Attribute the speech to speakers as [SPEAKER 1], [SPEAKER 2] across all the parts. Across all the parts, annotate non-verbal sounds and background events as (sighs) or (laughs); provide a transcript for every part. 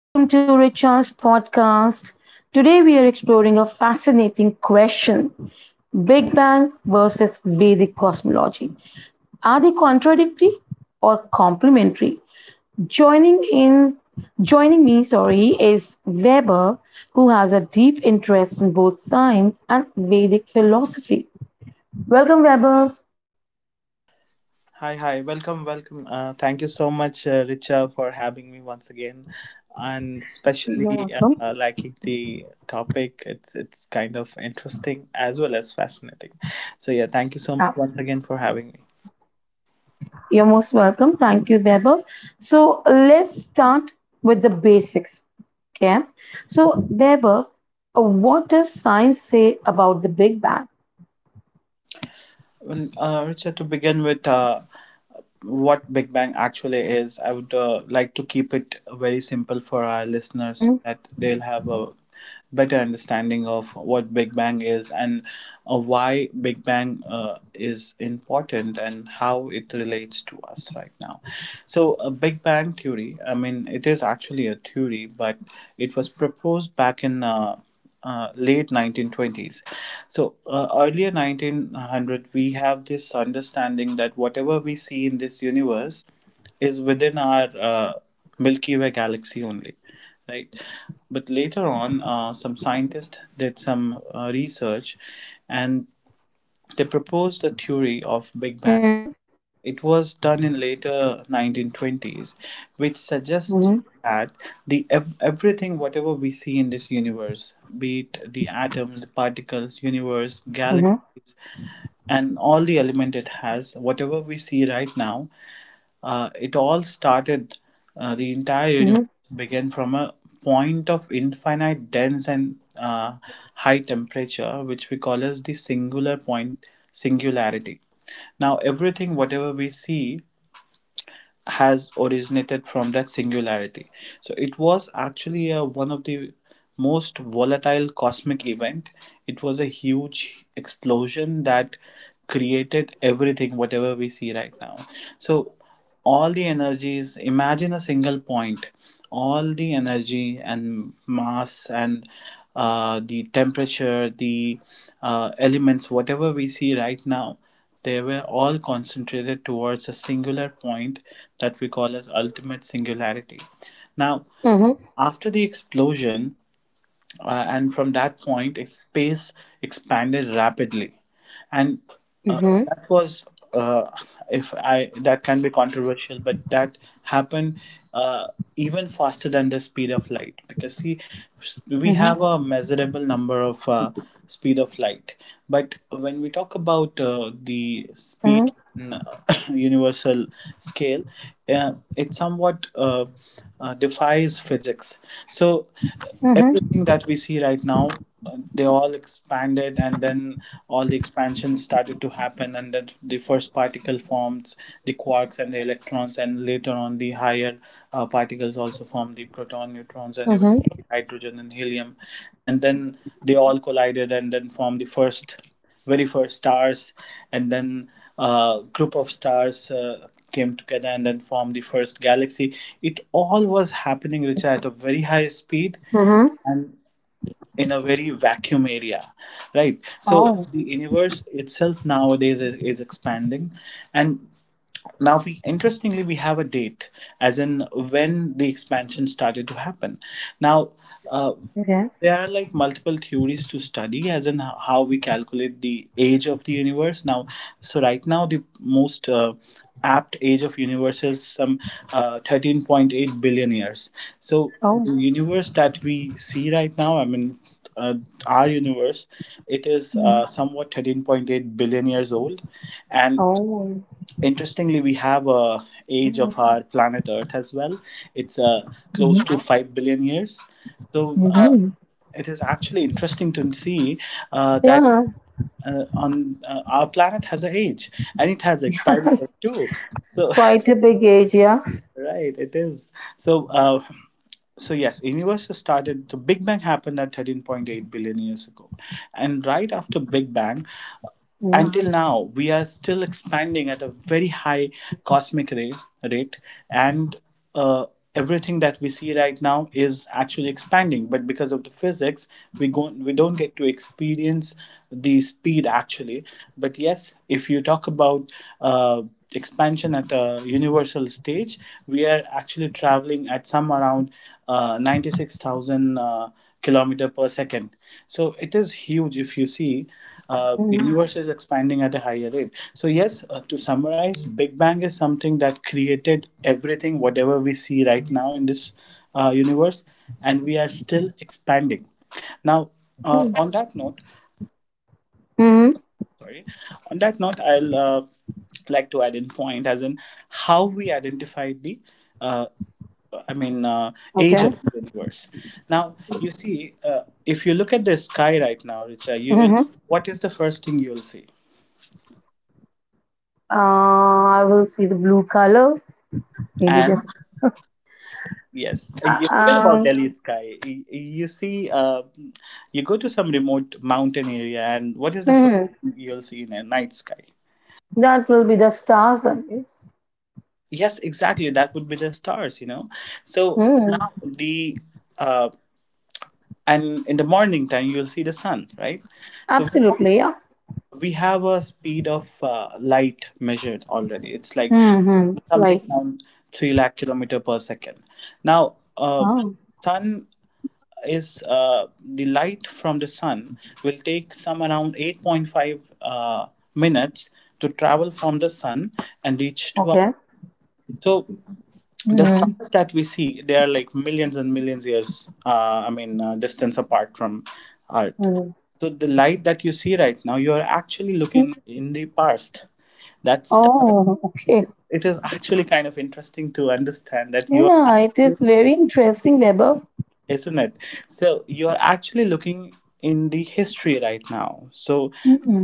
[SPEAKER 1] Welcome to Richard's podcast. Today, we are exploring a fascinating question Big Bang versus Vedic cosmology. Are they contradictory or complementary? Joining in joining me, is Weber, who has a deep interest in both science and Vedic philosophy. Welcome, Weber.
[SPEAKER 2] Hi, hi. Welcome, welcome. Thank you so much, Richa, for having me once again, and
[SPEAKER 1] You're
[SPEAKER 2] especially
[SPEAKER 1] welcome.
[SPEAKER 2] liking the topic. It's kind of interesting as well as fascinating. So yeah, thank you so much once
[SPEAKER 1] Absolutely.
[SPEAKER 2] again for having me.
[SPEAKER 1] You're most welcome. Thank you, Vaibhav. So let's start with the basics. Okay. So, Vaibhav, what does science say about the Big Bang?
[SPEAKER 2] Well, Richard, to begin with, what Big Bang actually is, I would like to keep it very simple for our listeners
[SPEAKER 1] Mm-hmm.
[SPEAKER 2] that they'll have a better understanding of what Big Bang is, and why Big Bang is important and how it relates to us right now. So, a Big Bang theory, I mean, it is actually a theory, but it was proposed back in, late 1920s. So, earlier 1900, we have this understanding that whatever we see in this universe is within our Milky Way galaxy only, right? But later on, some scientists did some research, and they proposed a theory of Big Bang.
[SPEAKER 1] Mm-hmm.
[SPEAKER 2] It was done in later 1920s, which suggests
[SPEAKER 1] Mm-hmm.
[SPEAKER 2] that everything whatever we see in this universe, be it the atoms, the particles, universe, galaxies, and all the element it has, whatever we see right now, it all started. The entire
[SPEAKER 1] Mm-hmm.
[SPEAKER 2] universe began from a point of infinite dense and high temperature, which we call as the singularity. Now, everything whatever we see has originated from that singularity. So it was actually one of the most volatile cosmic event. It was a huge explosion that created everything, whatever we see right now. So all the energies, imagine a single point, all the energy and mass and the temperature, the elements, whatever we see right now, they were all concentrated towards a singular point that we call as ultimate singularity. Now,
[SPEAKER 1] Mm-hmm. Mm-hmm.
[SPEAKER 2] after the explosion, and from that point, space expanded rapidly, and uh,
[SPEAKER 1] Mm-hmm.
[SPEAKER 2] that was uh, if I that can be controversial, but that happened, uh, even faster than the speed of light, because see, we
[SPEAKER 1] Mm-hmm.
[SPEAKER 2] have a measurable number of speed of light. But when we talk about the
[SPEAKER 1] Mm-hmm.
[SPEAKER 2] speed in (coughs) universal scale, it somewhat defies physics. So
[SPEAKER 1] Mm-hmm.
[SPEAKER 2] everything that we see right now, they all expanded, and then all the expansions started to happen, and then the first particle formed, the quarks and the electrons, and later on the higher particles also formed, the proton neutrons and even
[SPEAKER 1] Mm-hmm.
[SPEAKER 2] hydrogen and helium. And then they all collided and then formed the first very first stars, and then a group of stars came together and then formed the first galaxy. It all was happening, Richa, at a very high speed
[SPEAKER 1] Mm-hmm.
[SPEAKER 2] and in a very vacuum area, right? So
[SPEAKER 1] Oh.
[SPEAKER 2] the universe itself nowadays is expanding, and now we interestingly we have a date as in when the expansion started to happen. Now, uh,
[SPEAKER 1] Okay.
[SPEAKER 2] there are like multiple theories to study as in how we calculate the age of the universe now. So right now, the most apt age of universe is some 13.8 billion years. So
[SPEAKER 1] Oh.
[SPEAKER 2] the universe that we see right now, I mean, uh, our universe, it is
[SPEAKER 1] Mm-hmm.
[SPEAKER 2] somewhat 13.8 billion years old. And
[SPEAKER 1] Oh.
[SPEAKER 2] interestingly we have a age of
[SPEAKER 1] Mm-hmm.
[SPEAKER 2] our planet Earth as well. It's
[SPEAKER 1] Mm-hmm.
[SPEAKER 2] close to 5 billion years. So
[SPEAKER 1] Mm-hmm.
[SPEAKER 2] it is actually interesting to see that,
[SPEAKER 1] Yeah.
[SPEAKER 2] on our planet has an age, and it has expiry date
[SPEAKER 1] (laughs)
[SPEAKER 2] too. So
[SPEAKER 1] Quite a big age, yeah.
[SPEAKER 2] (laughs) right, it is. So so yes, universe has started, the Big Bang happened at 13.8 billion years ago. And right after Big Bang
[SPEAKER 1] Mm-hmm.
[SPEAKER 2] until now, we are still expanding at a very high cosmic rate. And uh, everything that we see right now is actually expanding, but because of the physics, we don't get to experience the speed actually. But yes, if you talk about uh, expansion at a universal stage, we are actually traveling at some around 96,000 kilometer per second. So it is huge. If you see, the
[SPEAKER 1] Mm-hmm.
[SPEAKER 2] universe is expanding at a higher rate. So yes, to summarize, Big Bang is something that created everything, whatever we see right now in this universe, and we are still expanding. Now, uh, on that note,
[SPEAKER 1] Mm-hmm.
[SPEAKER 2] sorry, on that note, I'll like to add in point as in how we identify the uh, I mean, age
[SPEAKER 1] Okay.
[SPEAKER 2] of the universe. Now, you see, if you look at the sky right now, Richa, you will.
[SPEAKER 1] Mm-hmm.
[SPEAKER 2] What is the first thing you will see?
[SPEAKER 1] I will see the blue color, maybe
[SPEAKER 2] And
[SPEAKER 1] just
[SPEAKER 2] yes,
[SPEAKER 1] uh,
[SPEAKER 2] you forget about
[SPEAKER 1] um,
[SPEAKER 2] Delhi sky. You see, you go to some remote mountain area, and what is the first
[SPEAKER 1] hmm,
[SPEAKER 2] thing you'll see in a night sky?
[SPEAKER 1] that will be the stars, I guess.
[SPEAKER 2] Yes, exactly. That would be the stars. So
[SPEAKER 1] Hmm,
[SPEAKER 2] now the uh, and in the morning time you'll see the sun, right? So we
[SPEAKER 1] absolutely, yeah.
[SPEAKER 2] we have a speed of light measured already. It's like
[SPEAKER 1] Mm-hmm.
[SPEAKER 2] something
[SPEAKER 1] Right.
[SPEAKER 2] around 3 lakh kilometer per second. Now,
[SPEAKER 1] Oh,
[SPEAKER 2] sun is the light from the sun will take some around 8.5 minutes to travel from the sun and reach to us.
[SPEAKER 1] okay.
[SPEAKER 2] So the
[SPEAKER 1] Mm-hmm.
[SPEAKER 2] stars that we see, they are like millions and millions years I mean distance apart from Earth. So the light that you see right now, you are actually looking in the past. That star,
[SPEAKER 1] Oh, okay.
[SPEAKER 2] it is actually kind of interesting to understand that you are
[SPEAKER 1] Yeah, it is very interesting, Weber.
[SPEAKER 2] isn't it? So you are actually looking in the history right now. So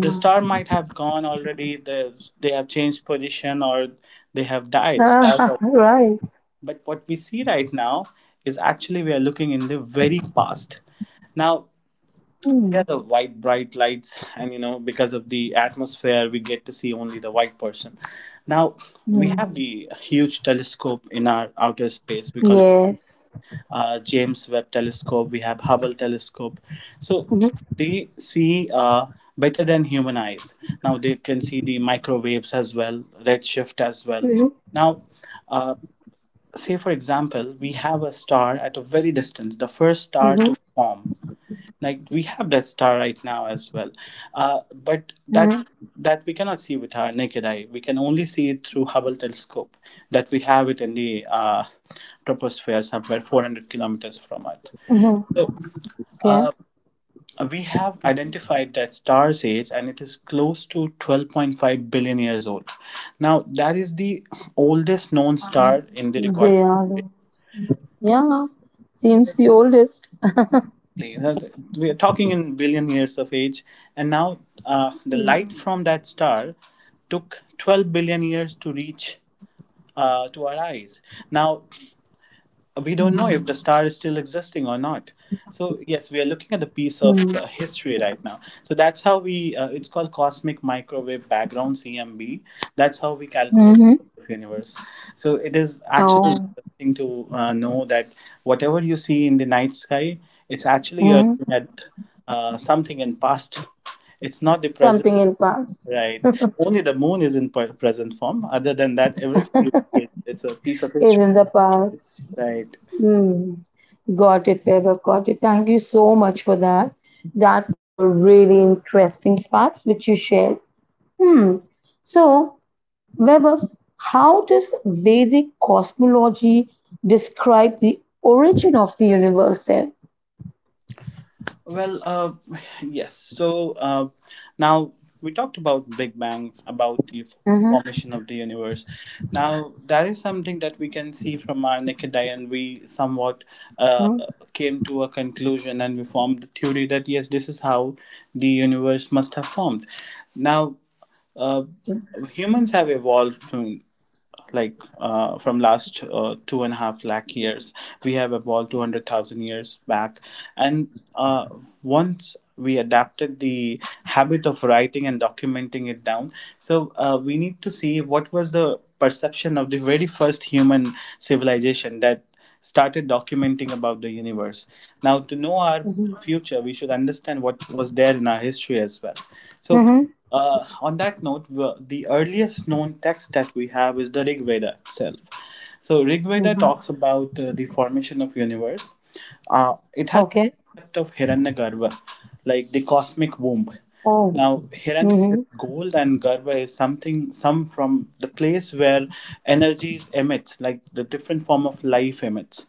[SPEAKER 2] the star might have gone already, they have changed position or they have died. Stars
[SPEAKER 1] Ah,
[SPEAKER 2] are.
[SPEAKER 1] (laughs) right.
[SPEAKER 2] But what we see right now is actually we are looking in the very past. Now, yeah,
[SPEAKER 1] Mm-hmm.
[SPEAKER 2] the white bright lights, and, because of the atmosphere, we get to see only the white person. Now, we have the huge telescope in our outer space. We call it
[SPEAKER 1] Yes.
[SPEAKER 2] James Webb Telescope. We have Hubble Telescope. So
[SPEAKER 1] Mm-hmm.
[SPEAKER 2] they see better than human eyes. Now they can see the microwaves as well, redshift as well. Now, uh, say for example we have a star at a very distance, the first star to
[SPEAKER 1] Mm-hmm.
[SPEAKER 2] form, like we have that star right now as well, but that
[SPEAKER 1] Mm-hmm.
[SPEAKER 2] that we cannot see with our naked eye. We can only see it through Hubble Telescope that we have it in the troposphere somewhere 400 kilometers from Earth.
[SPEAKER 1] Mm-hmm.
[SPEAKER 2] So
[SPEAKER 1] Okay.
[SPEAKER 2] we have identified that star's age and it is close to 12.5 billion years old. Now that is the oldest known star
[SPEAKER 1] Oh,
[SPEAKER 2] in the record.
[SPEAKER 1] they are. Yeah, seems the oldest.
[SPEAKER 2] Exactly. We are talking in billion years of age, and now the
[SPEAKER 1] Mm.
[SPEAKER 2] light from that star took 12 billion years to reach to our eyes. Now, we don't know
[SPEAKER 1] Mm.
[SPEAKER 2] if the star is still existing or not. So yes, we are looking at the piece of
[SPEAKER 1] Mm.
[SPEAKER 2] history right now. So that's how we. It's called cosmic microwave background CMB. That's how we calculate
[SPEAKER 1] Mm-hmm.
[SPEAKER 2] the universe. So it is actually
[SPEAKER 1] Oh.
[SPEAKER 2] interesting to know that whatever you see in the night sky, it's actually you're
[SPEAKER 1] Mm.
[SPEAKER 2] looking at something in past. It's not the present,
[SPEAKER 1] Something in past
[SPEAKER 2] right? Only the moon is in present form. Other than that, everything is it's a piece of
[SPEAKER 1] is
[SPEAKER 2] history,
[SPEAKER 1] in the past.
[SPEAKER 2] right?
[SPEAKER 1] Mm. Got it, Peba. Got it. Thank you so much for that. That were really interesting parts which you shared. Hmm. So, Weber, how does Vedic cosmology describe the origin of the universe then?
[SPEAKER 2] Well, (sighs) yes. So now we talked about Big Bang, about the
[SPEAKER 1] Mm-hmm.
[SPEAKER 2] formation of the universe. Now that is something that we can see from our naked eye, and we somewhat uh,
[SPEAKER 1] mm
[SPEAKER 2] came to a conclusion, and we formed the theory that yes, this is how the universe must have formed. Now, uh,
[SPEAKER 1] Okay.
[SPEAKER 2] humans have evolved like from last 2.5 lakh years. We have evolved 200,000 years back, and uh, once we adapted the habit of writing and documenting it down. So we need to see what was the perception of the very first human civilization that started documenting about the universe. Now, to know our
[SPEAKER 1] Mm-hmm.
[SPEAKER 2] future, we should understand what was there in our history as well. So,
[SPEAKER 1] Mm-hmm.
[SPEAKER 2] on that note, the earliest known text that we have is the Rig Veda itself. So, Rig Veda
[SPEAKER 1] Mm-hmm.
[SPEAKER 2] talks about the formation of universe. It has
[SPEAKER 1] Okay.
[SPEAKER 2] the concept of Hiranyagarbha, like the cosmic womb.
[SPEAKER 1] Oh.
[SPEAKER 2] Now, Hiranya is
[SPEAKER 1] Mm-hmm.
[SPEAKER 2] gold and Garba is some from the place where energies emit, like the different form of life emits,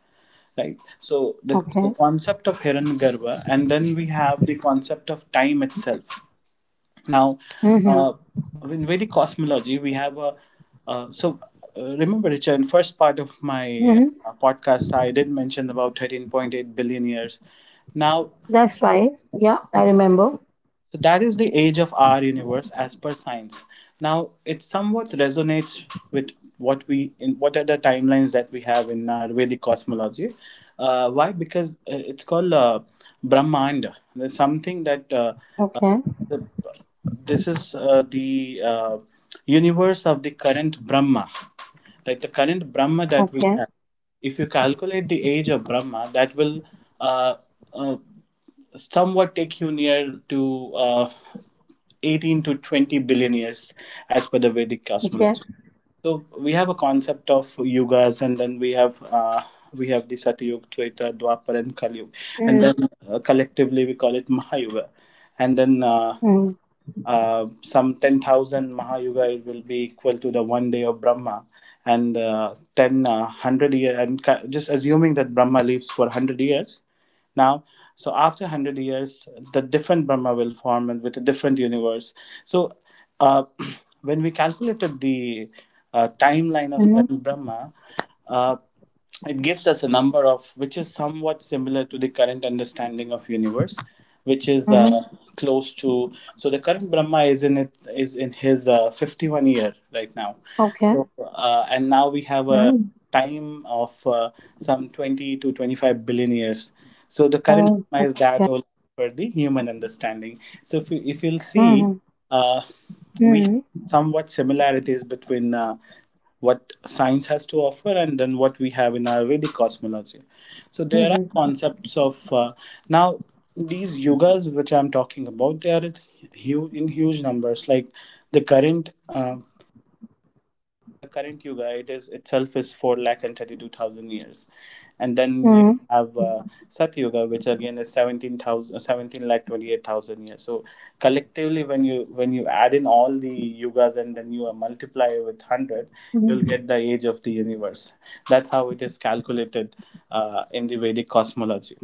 [SPEAKER 2] right? So the
[SPEAKER 1] Okay.
[SPEAKER 2] concept of Hiran Garba, and then we have the concept of time itself. Now,
[SPEAKER 1] Mhm.
[SPEAKER 2] uh, in Vedic cosmology, we have a, so remember, Richard, in first part of my
[SPEAKER 1] Mhm.
[SPEAKER 2] podcast, I did mention about 13.8 billion years. Now,
[SPEAKER 1] That's right. Yeah, I remember.
[SPEAKER 2] so that is the age of our universe as per science. Now it somewhat resonates with what we in what are the timelines that we have in our Vedic cosmology. Why? Because it's called Brahmanda. There's something that uh,
[SPEAKER 1] Okay.
[SPEAKER 2] the- this is the universe of the current Brahma, like the current Brahma that we
[SPEAKER 1] Okay.
[SPEAKER 2] have. If you calculate the age of Brahma, that will uh, uh, somewhat take you near to. 18 to 20 billion years as per the Vedic
[SPEAKER 1] Okay.
[SPEAKER 2] cosmology. So we have a concept of yugas, and then we have the Satyug, Tweta, Dwapar, and Kaliyug, and then
[SPEAKER 1] Mhm.
[SPEAKER 2] collectively we call it Mahayuga, and then.
[SPEAKER 1] Mhm.
[SPEAKER 2] Some 10,000 Mahayuga will be equal to the one day of Brahma, and 10, 100 years, and just assuming that Brahma lives for 100 years. Now, so after 100 years the different brahma will form and with a different universe. So uh, (clears throat) when we calculated the timeline of
[SPEAKER 1] Mhm.
[SPEAKER 2] current brahma, uh, it gives us a number of which is somewhat similar to the current understanding of universe, which is
[SPEAKER 1] Mhm.
[SPEAKER 2] close to, so the current brahma is in, it is in his 51 year right now. So
[SPEAKER 1] Okay.
[SPEAKER 2] and now we have a
[SPEAKER 1] Mhm.
[SPEAKER 2] time of some 20 to 25 billion years, so the current
[SPEAKER 1] Oh.
[SPEAKER 2] dilemma is that
[SPEAKER 1] Okay.
[SPEAKER 2] all for the human understanding. So if you'll see,
[SPEAKER 1] Mhm.
[SPEAKER 2] uh, we have
[SPEAKER 1] Mhm.
[SPEAKER 2] somewhat similarities between what science has to offer and then what we have in our Vedic cosmology. So there are
[SPEAKER 1] Mhm.
[SPEAKER 2] concepts of now these yugas which I'm talking about. They are in huge numbers. Like the current yuga, it is itself is 4 lakh and 32,000 years, and then you
[SPEAKER 1] Mhm.
[SPEAKER 2] have sat yuga, which again is 17,000 17 lakh 28,000 years. So collectively, when you add in all the yugas, and then you multiply with 100, you'll
[SPEAKER 1] Mhm.
[SPEAKER 2] get the age of the universe. That's how it is calculated in the Vedic cosmology.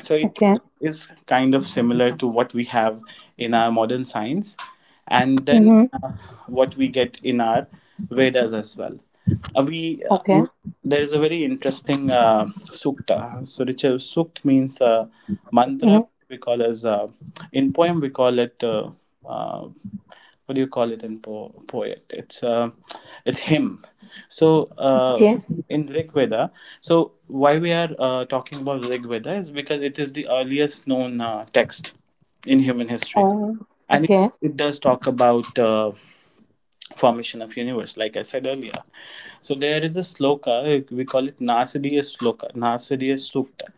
[SPEAKER 2] So it
[SPEAKER 1] Okay.
[SPEAKER 2] is kind of similar to what we have in our modern science, and then
[SPEAKER 1] Mhm.
[SPEAKER 2] what we get in our Vedas as well. We
[SPEAKER 1] Okay.
[SPEAKER 2] There is a very interesting sukta. So which sukt means
[SPEAKER 1] Mhm.
[SPEAKER 2] mantra. We call as in poem we call it. Uh, what do you call it in poet? It's hymn. So
[SPEAKER 1] Okay.
[SPEAKER 2] in Rig Veda, so why we are talking about Rig Veda is because it is the earliest known text in human history,
[SPEAKER 1] Oh.
[SPEAKER 2] and
[SPEAKER 1] Okay.
[SPEAKER 2] it does talk about formation of universe, like I said earlier. So there is a sloka, we call it Nasadiya sloka, Nasadiya sukta.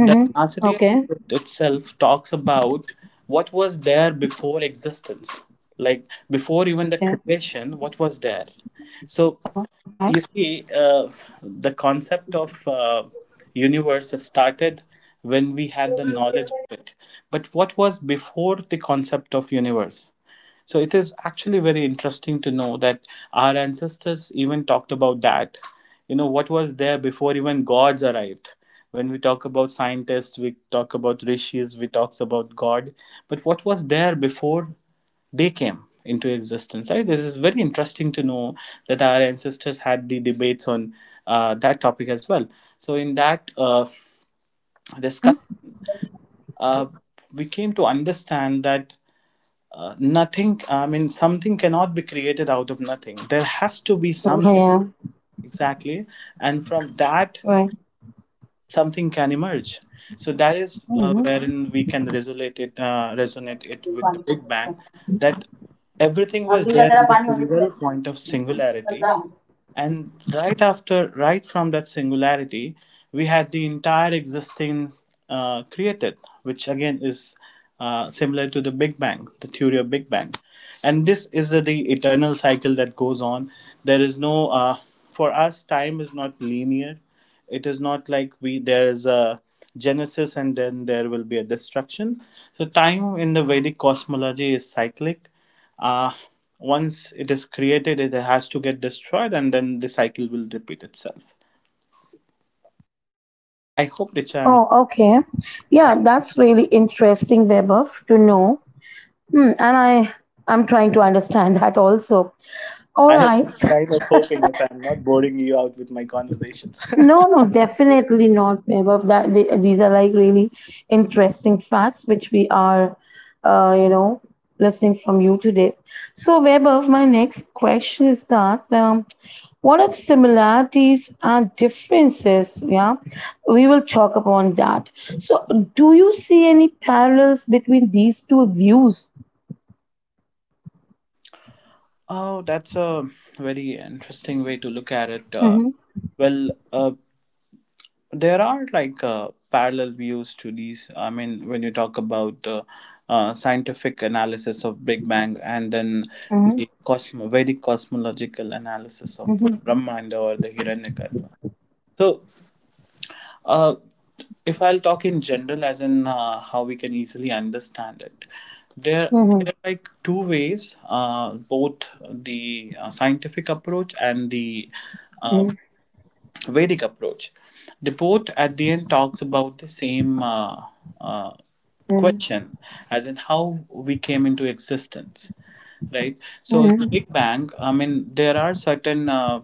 [SPEAKER 2] The Nasriya
[SPEAKER 1] Okay.
[SPEAKER 2] itself talks about what was there before existence, like before even the
[SPEAKER 1] Okay.
[SPEAKER 2] creation, what was there. So
[SPEAKER 1] Oh. All right.
[SPEAKER 2] you see, the concept of universe started when we had the knowledge of it. But what was before the concept of universe? So it is actually very interesting to know that our ancestors even talked about that. You know, what was there before even gods arrived? When we talk about scientists, we talk about rishis, we talk about God. But what was there before they came into existence, right? This is very interesting to know that our ancestors had the debates on that topic as well. So in that
[SPEAKER 1] Mhm.
[SPEAKER 2] discussion, uh, we came to understand that nothing, I mean, something cannot be created out of nothing. There has to be
[SPEAKER 1] Okay.
[SPEAKER 2] something,
[SPEAKER 1] Yeah.
[SPEAKER 2] exactly. And from that,
[SPEAKER 1] Right.
[SPEAKER 2] something can emerge. So that is wherein we can resonate it with the Big Bang, that everything was there in the single point of singularity,
[SPEAKER 1] Mhm.
[SPEAKER 2] and right after, right from that singularity, we had the entire existing created, which again is similar to the Big Bang, the theory of Big Bang. And this is the eternal cycle that goes on. There is no, for us, time is not linear. It is not like we there is a genesis and then there will be a destruction. So time in the Vedic cosmology is cyclic. uh, Once it is created, it has to get destroyed, and then the cycle will repeat itself. I hope, Richa, I'm.
[SPEAKER 1] Oh, okay. Yeah, that's really interesting, Vaibhav, to know. Hmm, and I'm trying to understand (laughs) that also.
[SPEAKER 2] (laughs)
[SPEAKER 1] All
[SPEAKER 2] I
[SPEAKER 1] right.
[SPEAKER 2] was kind of
[SPEAKER 1] (laughs)
[SPEAKER 2] hoping if I'm not boring you out with my conversations.
[SPEAKER 1] No, no, definitely not, Above. That the These are like really interesting facts which we are, uh, you know, listening from you today. So, Above, my next question is that what are the similarities and differences? Yeah, we will talk upon that. So, do you see any parallels between these two views?
[SPEAKER 2] (laughs) Oh, that's a very interesting way to look at it.
[SPEAKER 1] Mm-hmm,
[SPEAKER 2] Well, uh, there are like parallel views to these. I mean, when you talk about scientific analysis of Big Bang, and then
[SPEAKER 1] mm-hmm,
[SPEAKER 2] the Vedic cosmological analysis of
[SPEAKER 1] mm-hmm,
[SPEAKER 2] Brahmanda or the Hiranyakarpa. So, uh, if I'll talk in general, as in how we can easily understand it, there
[SPEAKER 1] mm-hmm,
[SPEAKER 2] there are like two ways, both the scientific approach and the uh, Vedic approach. The port at the end talks about the same uh,
[SPEAKER 1] mm-hmm,
[SPEAKER 2] question, as in how we came into existence, right? So
[SPEAKER 1] mm-hmm,
[SPEAKER 2] Big Bang. I mean, there are certain. Uh,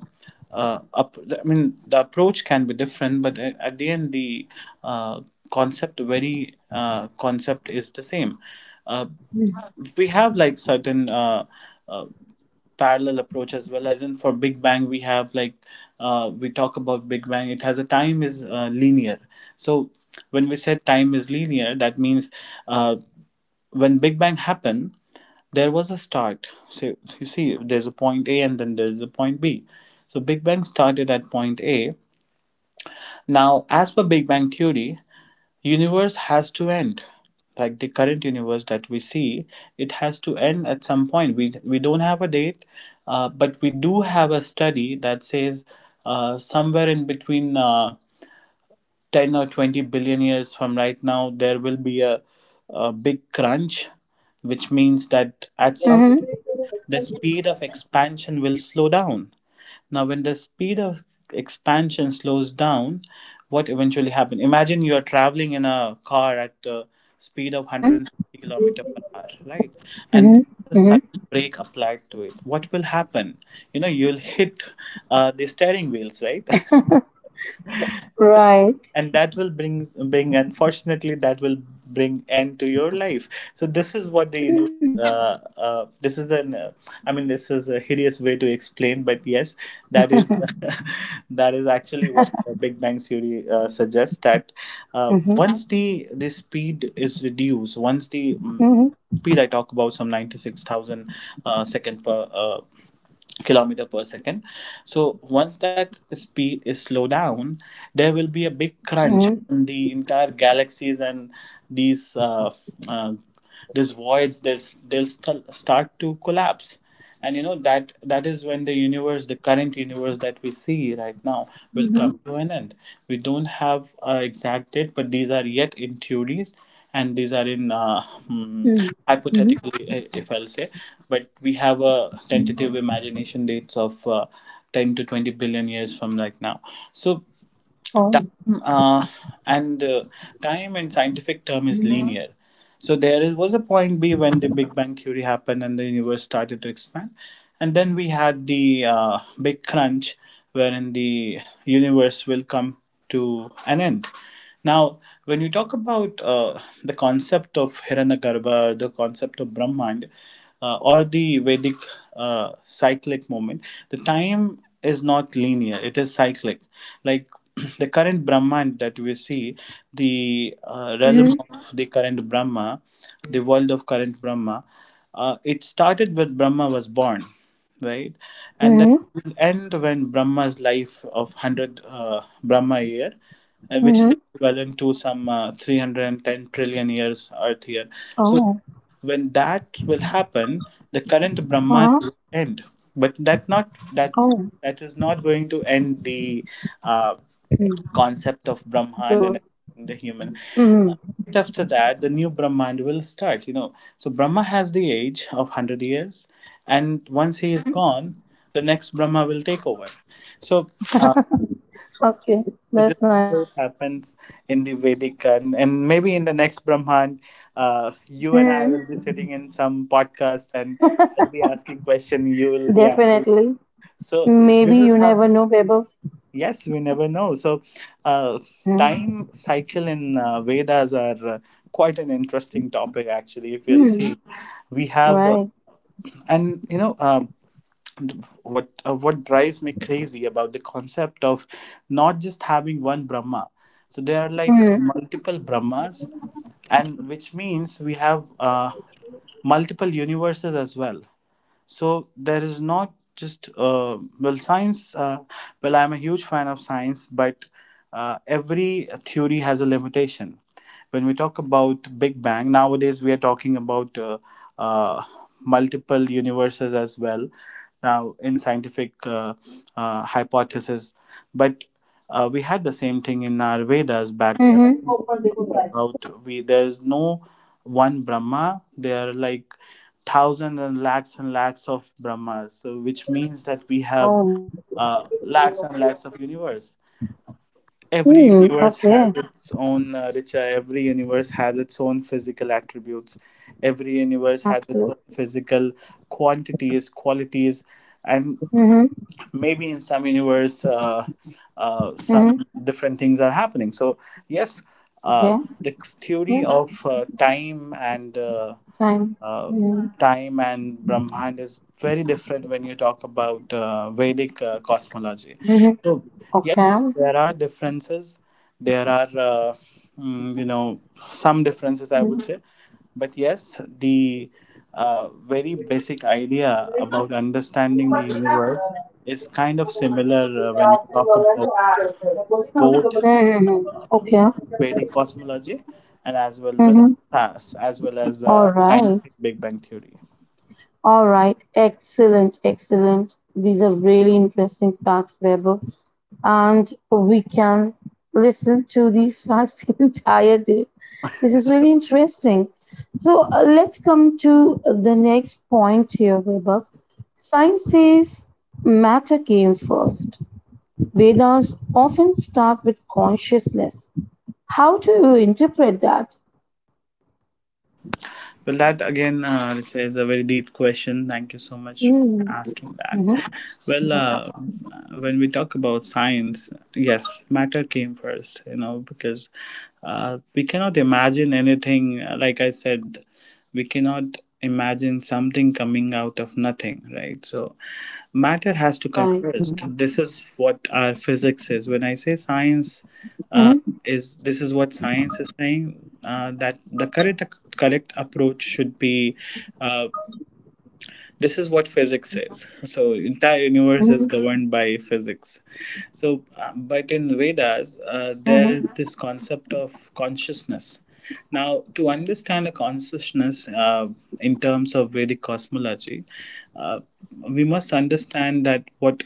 [SPEAKER 2] uh, up, I mean, the approach can be different, but at the end, the uh, concept, very concept, is the same. Uh, we have like certain uh, parallel approach as well, as in for Big Bang we have like we talk about Big Bang, it has a time is linear. So when we said time is linear, that means uh, when Big Bang happened, there was a start. So you see, there's a point A and then there's a point B, so Big Bang started at point A. Now, as per Big Bang theory, universe has to end. Like the current universe that we see, it has to end at some point. We don't have a date, but we do have a study that says somewhere in between 10 or 20 billion years from right now, there will be a big crunch, which means that at
[SPEAKER 1] mm-hmm,
[SPEAKER 2] some
[SPEAKER 1] mm-hmm, mm-hmm.
[SPEAKER 2] the speed of expansion will slow down. Now, when the speed of expansion slows down, what eventually happens? Imagine you are traveling in a car at the speed of
[SPEAKER 1] Mm-hmm,
[SPEAKER 2] 160 kilometer per hour, right? And
[SPEAKER 1] mm-hmm,
[SPEAKER 2] a
[SPEAKER 1] mm-hmm.
[SPEAKER 2] sudden brake applied to it. What will happen? You know, you'll hit the steering wheels, right? (laughs) (laughs) So,
[SPEAKER 1] Right.
[SPEAKER 2] and that will bring, unfortunately, that will bring end to your life. So this is what the universe
[SPEAKER 1] Mm.
[SPEAKER 2] this is an I mean, this is a hideous way to explain, but yes, that is
[SPEAKER 1] (laughs)
[SPEAKER 2] (laughs) that is actually what Big Bang theory suggests, that
[SPEAKER 1] Mhm.
[SPEAKER 2] once the speed is reduced, once the
[SPEAKER 1] Mhm.
[SPEAKER 2] speed, I talk about some 96,000 second per kilometer per second. So once that speed is slowed down, there will be a big crunch
[SPEAKER 1] Mhm.
[SPEAKER 2] in the entire galaxies, and these uh, uh, these voids, they'll start to collapse, and you know that that is when the universe, the current universe that we see right now, will
[SPEAKER 1] Mhm.
[SPEAKER 2] come to an end. We don't have exact date, but these are yet in theories, and these are in hmm,
[SPEAKER 1] Mhm. Mhm.
[SPEAKER 2] hypothetically, if I'll say. But we have a
[SPEAKER 1] Mhm.
[SPEAKER 2] tentative imagination dates of 10 to 20 billion years from right now. So
[SPEAKER 1] Oh.
[SPEAKER 2] time uh, and time in scientific term is
[SPEAKER 1] Mhm.
[SPEAKER 2] linear. So was a point B when the Big Bang theory happened and the universe started to expand, and then we had the big crunch wherein the universe will come to an end. Now, when you talk about the concept of Hiranyagarbha, the concept of Brahmand, or the Vedic cyclic moment, the time is not linear, it is cyclic. Like (clears throat) the current Brahmand that we see, the realm
[SPEAKER 1] Mhm.
[SPEAKER 2] of the current Brahma, the world of current Brahma, it started when Brahma was born, right? And that
[SPEAKER 1] Mhm.
[SPEAKER 2] will end when Brahma's life of 100 Brahma year, which is
[SPEAKER 1] Mhm.
[SPEAKER 2] equivalent to some 310 trillion years Earth here. So
[SPEAKER 1] Oh.
[SPEAKER 2] when that will happen, the current Brahman
[SPEAKER 1] Uh-huh.
[SPEAKER 2] will end. But
[SPEAKER 1] Oh.
[SPEAKER 2] that is not going to end the uh,
[SPEAKER 1] Mm.
[SPEAKER 2] concept of Brahman
[SPEAKER 1] So.
[SPEAKER 2] and the human. Uh,
[SPEAKER 1] Mhm.
[SPEAKER 2] Right after that, the new Brahman will start. You know, so Brahma has the age of hundred years, and once he is
[SPEAKER 1] Mhm.
[SPEAKER 2] gone, the next Brahma will take over. So uh,
[SPEAKER 1] Okay.
[SPEAKER 2] so this
[SPEAKER 1] That's
[SPEAKER 2] is how
[SPEAKER 1] nice.
[SPEAKER 2] it happens in the Vedic, and maybe in the next Brahman, you and I
[SPEAKER 1] Mm.
[SPEAKER 2] will be sitting in some podcast, and I'll be asking question, you will be answering.
[SPEAKER 1] Definitely.
[SPEAKER 2] So
[SPEAKER 1] Maybe
[SPEAKER 2] this is
[SPEAKER 1] you
[SPEAKER 2] how.
[SPEAKER 1] never know, Bebo.
[SPEAKER 2] Yes, we never know. So, uh,
[SPEAKER 1] Mm.
[SPEAKER 2] time cycle in Vedas are quite an interesting topic, actually. If you'll
[SPEAKER 1] Mm.
[SPEAKER 2] see, we have,
[SPEAKER 1] Right.
[SPEAKER 2] and you know. What drives me crazy about the concept of not just having one brahma? So there are like
[SPEAKER 1] Mm.
[SPEAKER 2] multiple brahmas, and which means we have multiple universes as well. So there is not just well, science, well, I'm a huge fan of science, but every theory has a limitation. When we talk about Big Bang nowadays, we are talking about uh, multiple universes as well, now in scientific hypothesis. But we had the same thing in our Vedas back
[SPEAKER 1] Mhm.
[SPEAKER 2] about. We, there is no one brahma, there are like thousands and lakhs of brahmas, so which means that we have
[SPEAKER 1] Oh.
[SPEAKER 2] lakhs and lakhs of universe. Every
[SPEAKER 1] Mm.
[SPEAKER 2] universe has
[SPEAKER 1] Okay.
[SPEAKER 2] its own richa, every universe has its own physical attributes, every universe has its own
[SPEAKER 1] Absolutely.
[SPEAKER 2] physical quantities, qualities. And
[SPEAKER 1] Mhm.
[SPEAKER 2] maybe in some universe some
[SPEAKER 1] Mhm.
[SPEAKER 2] different things are happening. So yes, uh,
[SPEAKER 1] Okay.
[SPEAKER 2] the theory
[SPEAKER 1] Yeah.
[SPEAKER 2] of time and
[SPEAKER 1] Time.
[SPEAKER 2] uh,
[SPEAKER 1] Mm-hmm.
[SPEAKER 2] time and Brahman is very different when you talk about Vedic cosmology. So yes,
[SPEAKER 1] Okay. Mm-hmm.
[SPEAKER 2] there are differences. There are you know, some differences, I would say, but yes, the very basic idea about understanding the universe is kind of similar when you talk about uh, both
[SPEAKER 1] Okay.
[SPEAKER 2] Vedic cosmology and as well with
[SPEAKER 1] Mm-hmm.
[SPEAKER 2] as well as
[SPEAKER 1] Right.
[SPEAKER 2] scientific Big Bang theory.
[SPEAKER 1] All right. Excellent. Excellent. These are really interesting facts, Weber. And we can listen to these facts (laughs) the entire day. This is really interesting. So let's come to the next point here, Weber. Science says matter came first. Vedas often start with consciousness. How do you interpret that?
[SPEAKER 2] Well, that again, Richa, is a very deep question. Thank you so much for
[SPEAKER 1] Mm,
[SPEAKER 2] asking that.
[SPEAKER 1] mhm,
[SPEAKER 2] Well, when we talk about science, yes, matter came first, you know, because we cannot imagine anything. Like I said, we cannot imagine something coming out of nothing, right? So, matter has to come
[SPEAKER 1] right.
[SPEAKER 2] first. This is what our physics is. When I say science, uh,
[SPEAKER 1] Mhm,
[SPEAKER 2] is, this is what science is saying, that the correct approach should be uh, this is what physics says. So entire universe
[SPEAKER 1] mhm,
[SPEAKER 2] is governed by physics. So but in Vedas
[SPEAKER 1] mhm,
[SPEAKER 2] there is this concept of consciousness. Now to understand a consciousness in terms of Vedic cosmology, uh, we must understand that what,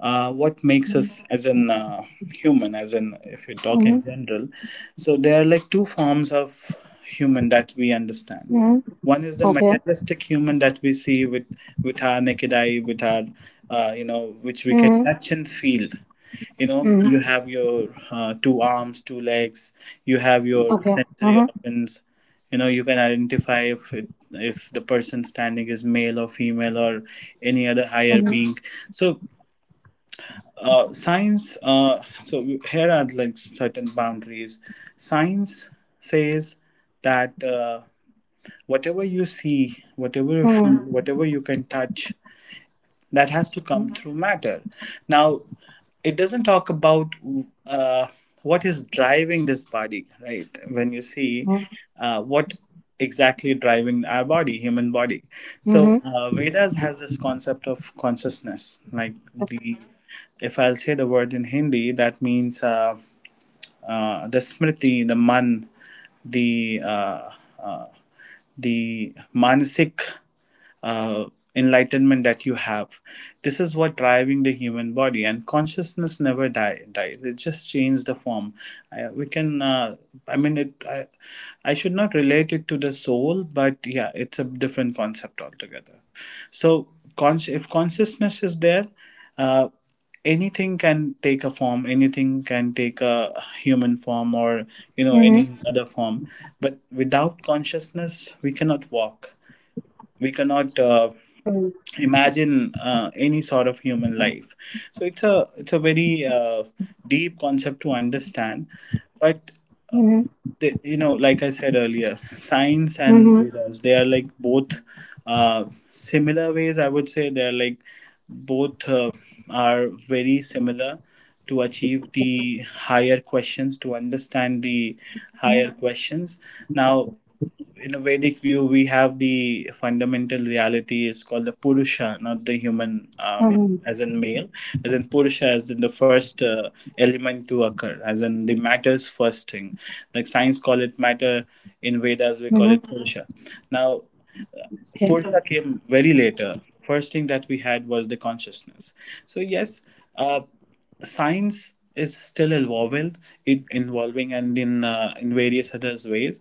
[SPEAKER 2] what makes
[SPEAKER 1] mhm,
[SPEAKER 2] us as an human, as in, if you talk in
[SPEAKER 1] mhm,
[SPEAKER 2] general, so there are like two forms of human that we understand.
[SPEAKER 1] mhm.
[SPEAKER 2] One is the
[SPEAKER 1] Okay.
[SPEAKER 2] materialistic human that we see with our naked eye, with our you know, which we can
[SPEAKER 1] Mhm,
[SPEAKER 2] touch and feel. You know,
[SPEAKER 1] mhm,
[SPEAKER 2] you have your two arms, two legs, you have your
[SPEAKER 1] okay.
[SPEAKER 2] sensory
[SPEAKER 1] Mhm,
[SPEAKER 2] organs. You know, you can identify if it, if the person standing is male or female or any other higher
[SPEAKER 1] mhm,
[SPEAKER 2] being. So science, so here are like certain boundaries. Science says that whatever you see, whatever you feel,
[SPEAKER 1] mhm,
[SPEAKER 2] whatever you can touch, that has to come
[SPEAKER 1] mhm,
[SPEAKER 2] through matter. Now it doesn't talk about uh, what is driving this body, right? When you see
[SPEAKER 1] mhm.
[SPEAKER 2] what exactly driving our body, human body. So Vedas has this concept of consciousness. Like the, if I'll say the word in Hindi, that means the smriti, the man, the uh, uh, the manasik uh, enlightenment that you have. This is what driving the human body, and consciousness never dies. It just changes the form. I, we can, I mean, it. I should not relate it to the soul, but yeah, it's a different concept altogether. So, if consciousness is there, Uh, anything can take a form, anything can take a human form or, you know, any Mhm.
[SPEAKER 1] Mhm.
[SPEAKER 2] other form. But without consciousness we cannot walk, we cannot
[SPEAKER 1] Mhm.
[SPEAKER 2] imagine any sort of human life. So it's a, it's a very deep concept to understand. But
[SPEAKER 1] Mhm.
[SPEAKER 2] they, you know, like I said earlier, science and
[SPEAKER 1] Mhm.
[SPEAKER 2] Vedas, they are like both similar ways, I would say. They are like both are very similar to achieve the higher questions, to understand the higher
[SPEAKER 1] Mhm.
[SPEAKER 2] questions. Now in a Vedic view, we have the fundamental reality is called the Purusha, not the human,
[SPEAKER 1] Mhm.
[SPEAKER 2] as in male, as in Purusha, as in the first element to occur, as in the matter's first thing. Like science call it matter, in Vedas we call
[SPEAKER 1] Mhm.
[SPEAKER 2] it Purusha. Now,
[SPEAKER 1] Okay.
[SPEAKER 2] Purta came very later. First thing that we had was the consciousness. So yes, uh, science is still evolving, it involving and in various other ways.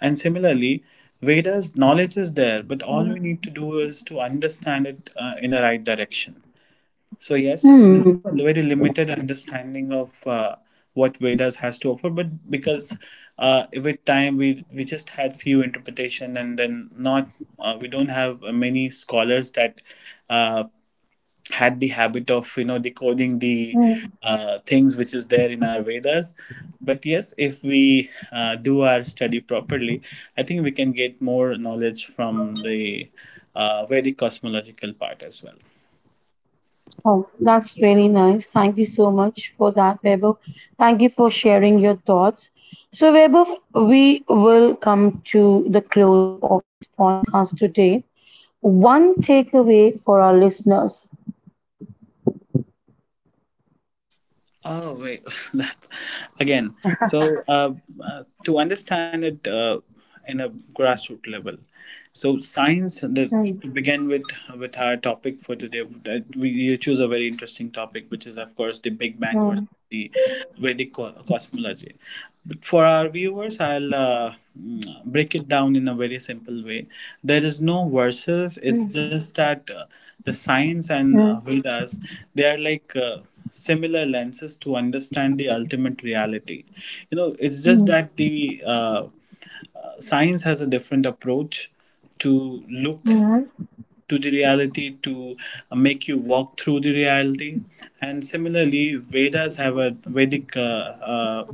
[SPEAKER 2] And similarly, Veda's knowledge is there, but all we
[SPEAKER 1] Mhm.
[SPEAKER 2] need to do is to understand it in a right direction. So yes, we have
[SPEAKER 1] Mm.
[SPEAKER 2] a very limited understanding of what Vedas has to offer, but because with time we just had few interpretation, and then not we don't have many scholars that uh, had the habit of, you know, decoding the
[SPEAKER 1] Mm.
[SPEAKER 2] things which is there in our Vedas. But yes, if we do our study properly, I think we can get more knowledge from the Vedic cosmological part as well.
[SPEAKER 1] Oh, that's really nice. Thank you so much for that, Webber. Thank you for sharing your thoughts. So, Webber, we will come to the closing of this podcast today. One takeaway for our listeners.
[SPEAKER 2] Oh wait, (laughs) that again. So
[SPEAKER 1] (laughs)
[SPEAKER 2] uh, to understand it in a grassroots level, so science, the,
[SPEAKER 1] Mm,
[SPEAKER 2] to begin with our topic for today, that we you choose a very interesting topic, which is of course the Big Bang
[SPEAKER 1] mm,
[SPEAKER 2] versus the Vedic cosmology. But for our viewers, I'll break it down in a very simple way. There is no versus. It's just that the science and
[SPEAKER 1] mm,
[SPEAKER 2] Vedas, they are like similar lenses to understand the ultimate reality. You know, it's just
[SPEAKER 1] mm,
[SPEAKER 2] that the science has a different approach to look,
[SPEAKER 1] mm,
[SPEAKER 2] to the reality, to make you walk through the reality. And similarly, Vedas have a Vedic uh,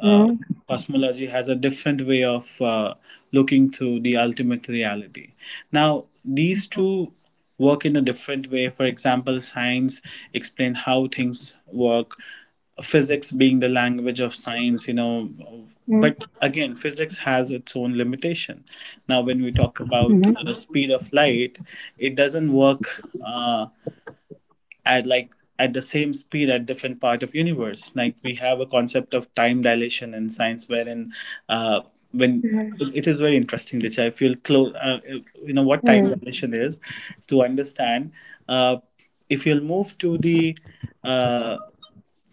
[SPEAKER 2] uh,
[SPEAKER 1] mm,
[SPEAKER 2] cosmology has a different way of looking through the ultimate reality. Now these two work in a different way. For example, science explain how things work, physics being the language of science, you know.
[SPEAKER 1] mm,
[SPEAKER 2] But again, physics has its own limitation. Now when we talk about
[SPEAKER 1] mm, mm,
[SPEAKER 2] the speed of light, it doesn't work uh, at like, at the same speed at different part of universe. Like we have a concept of time dilation in science, wherein uh, when
[SPEAKER 1] mm,
[SPEAKER 2] it is very interesting, which I feel close, you know, what time
[SPEAKER 1] mm,
[SPEAKER 2] dilation is, to understand uh, if you'll move to the uh,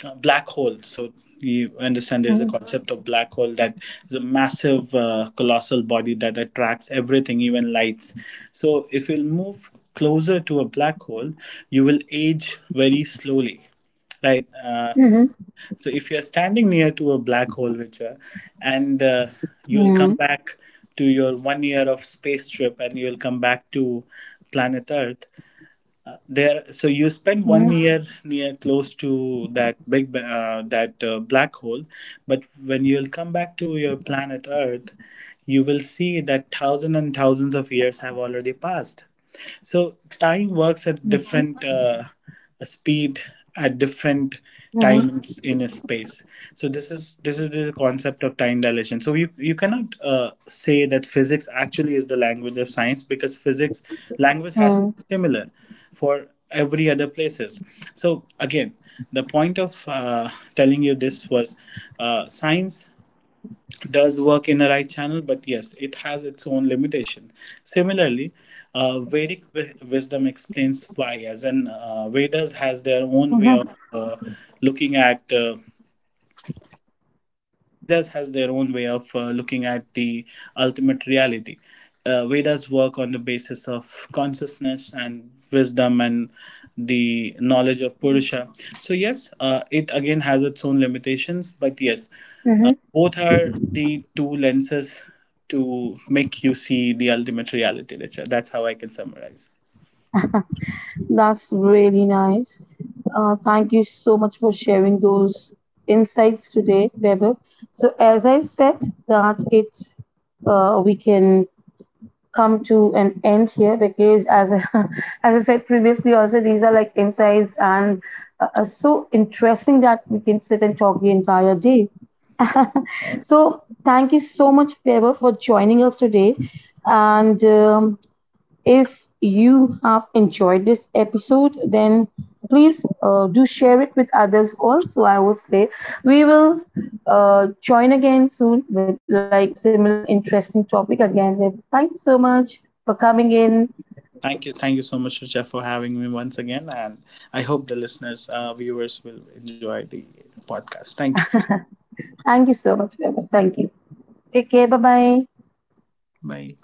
[SPEAKER 2] black hole. So you understand, there's a
[SPEAKER 1] mm,
[SPEAKER 2] concept of black hole that is a massive, colossal body that attracts everything, even lights. So if you move closer to a black hole, you will age very slowly, right?
[SPEAKER 1] mm,
[SPEAKER 2] So if you're standing near to a black hole, Richard, and you'll
[SPEAKER 1] mm,
[SPEAKER 2] come back to your one year of space trip, and you'll come back to planet Earth. There, so you spend one
[SPEAKER 1] mm.
[SPEAKER 2] year near, close to that that black hole. But when you'll come back to your planet Earth, you will see that thousands and thousands of years have already passed. So time works at
[SPEAKER 1] Mhm.
[SPEAKER 2] different speed at different
[SPEAKER 1] Mhm.
[SPEAKER 2] times in a space. So this is the concept of time dilation. So you cannot say that physics actually is the language of science, because physics language has to be
[SPEAKER 1] Mhm.
[SPEAKER 2] similar for every other places. So again, the point of telling you this was science does work in the right channel, but yes, it has its own limitation. Similarly, Vedic wisdom explains why, as in Vedas has their own way
[SPEAKER 1] Mhm.
[SPEAKER 2] of looking at. Vedas has their own way of looking at the ultimate reality. Vedas work on the basis of consciousness and wisdom and the knowledge of Purusha. So, yes, it again has its own limitations, but yes,
[SPEAKER 1] Mhm.
[SPEAKER 2] both are the two lenses to make you see the ultimate reality, Richa. That's how I can summarize.
[SPEAKER 1] (laughs) That's really nice. Thank you so much for sharing those insights today, Weber. So, as I said, that it we can come to an end here because, (laughs) as I said previously, also these are like insights and so interesting that we can sit and talk the entire day. (laughs) So, thank you so much, Weber, for joining us today, and, if you have enjoyed this episode, then please do share it with others also. I would say we will join again soon with like a similar interesting topic again. Thank you so much for coming in.
[SPEAKER 2] Thank you. Thank you so much, Richa, for having me once again. And I hope the listeners, viewers will enjoy the podcast. Thank you.
[SPEAKER 1] Thank you so much, Vibha. Thank you. Take care. Bye bye.
[SPEAKER 2] Bye.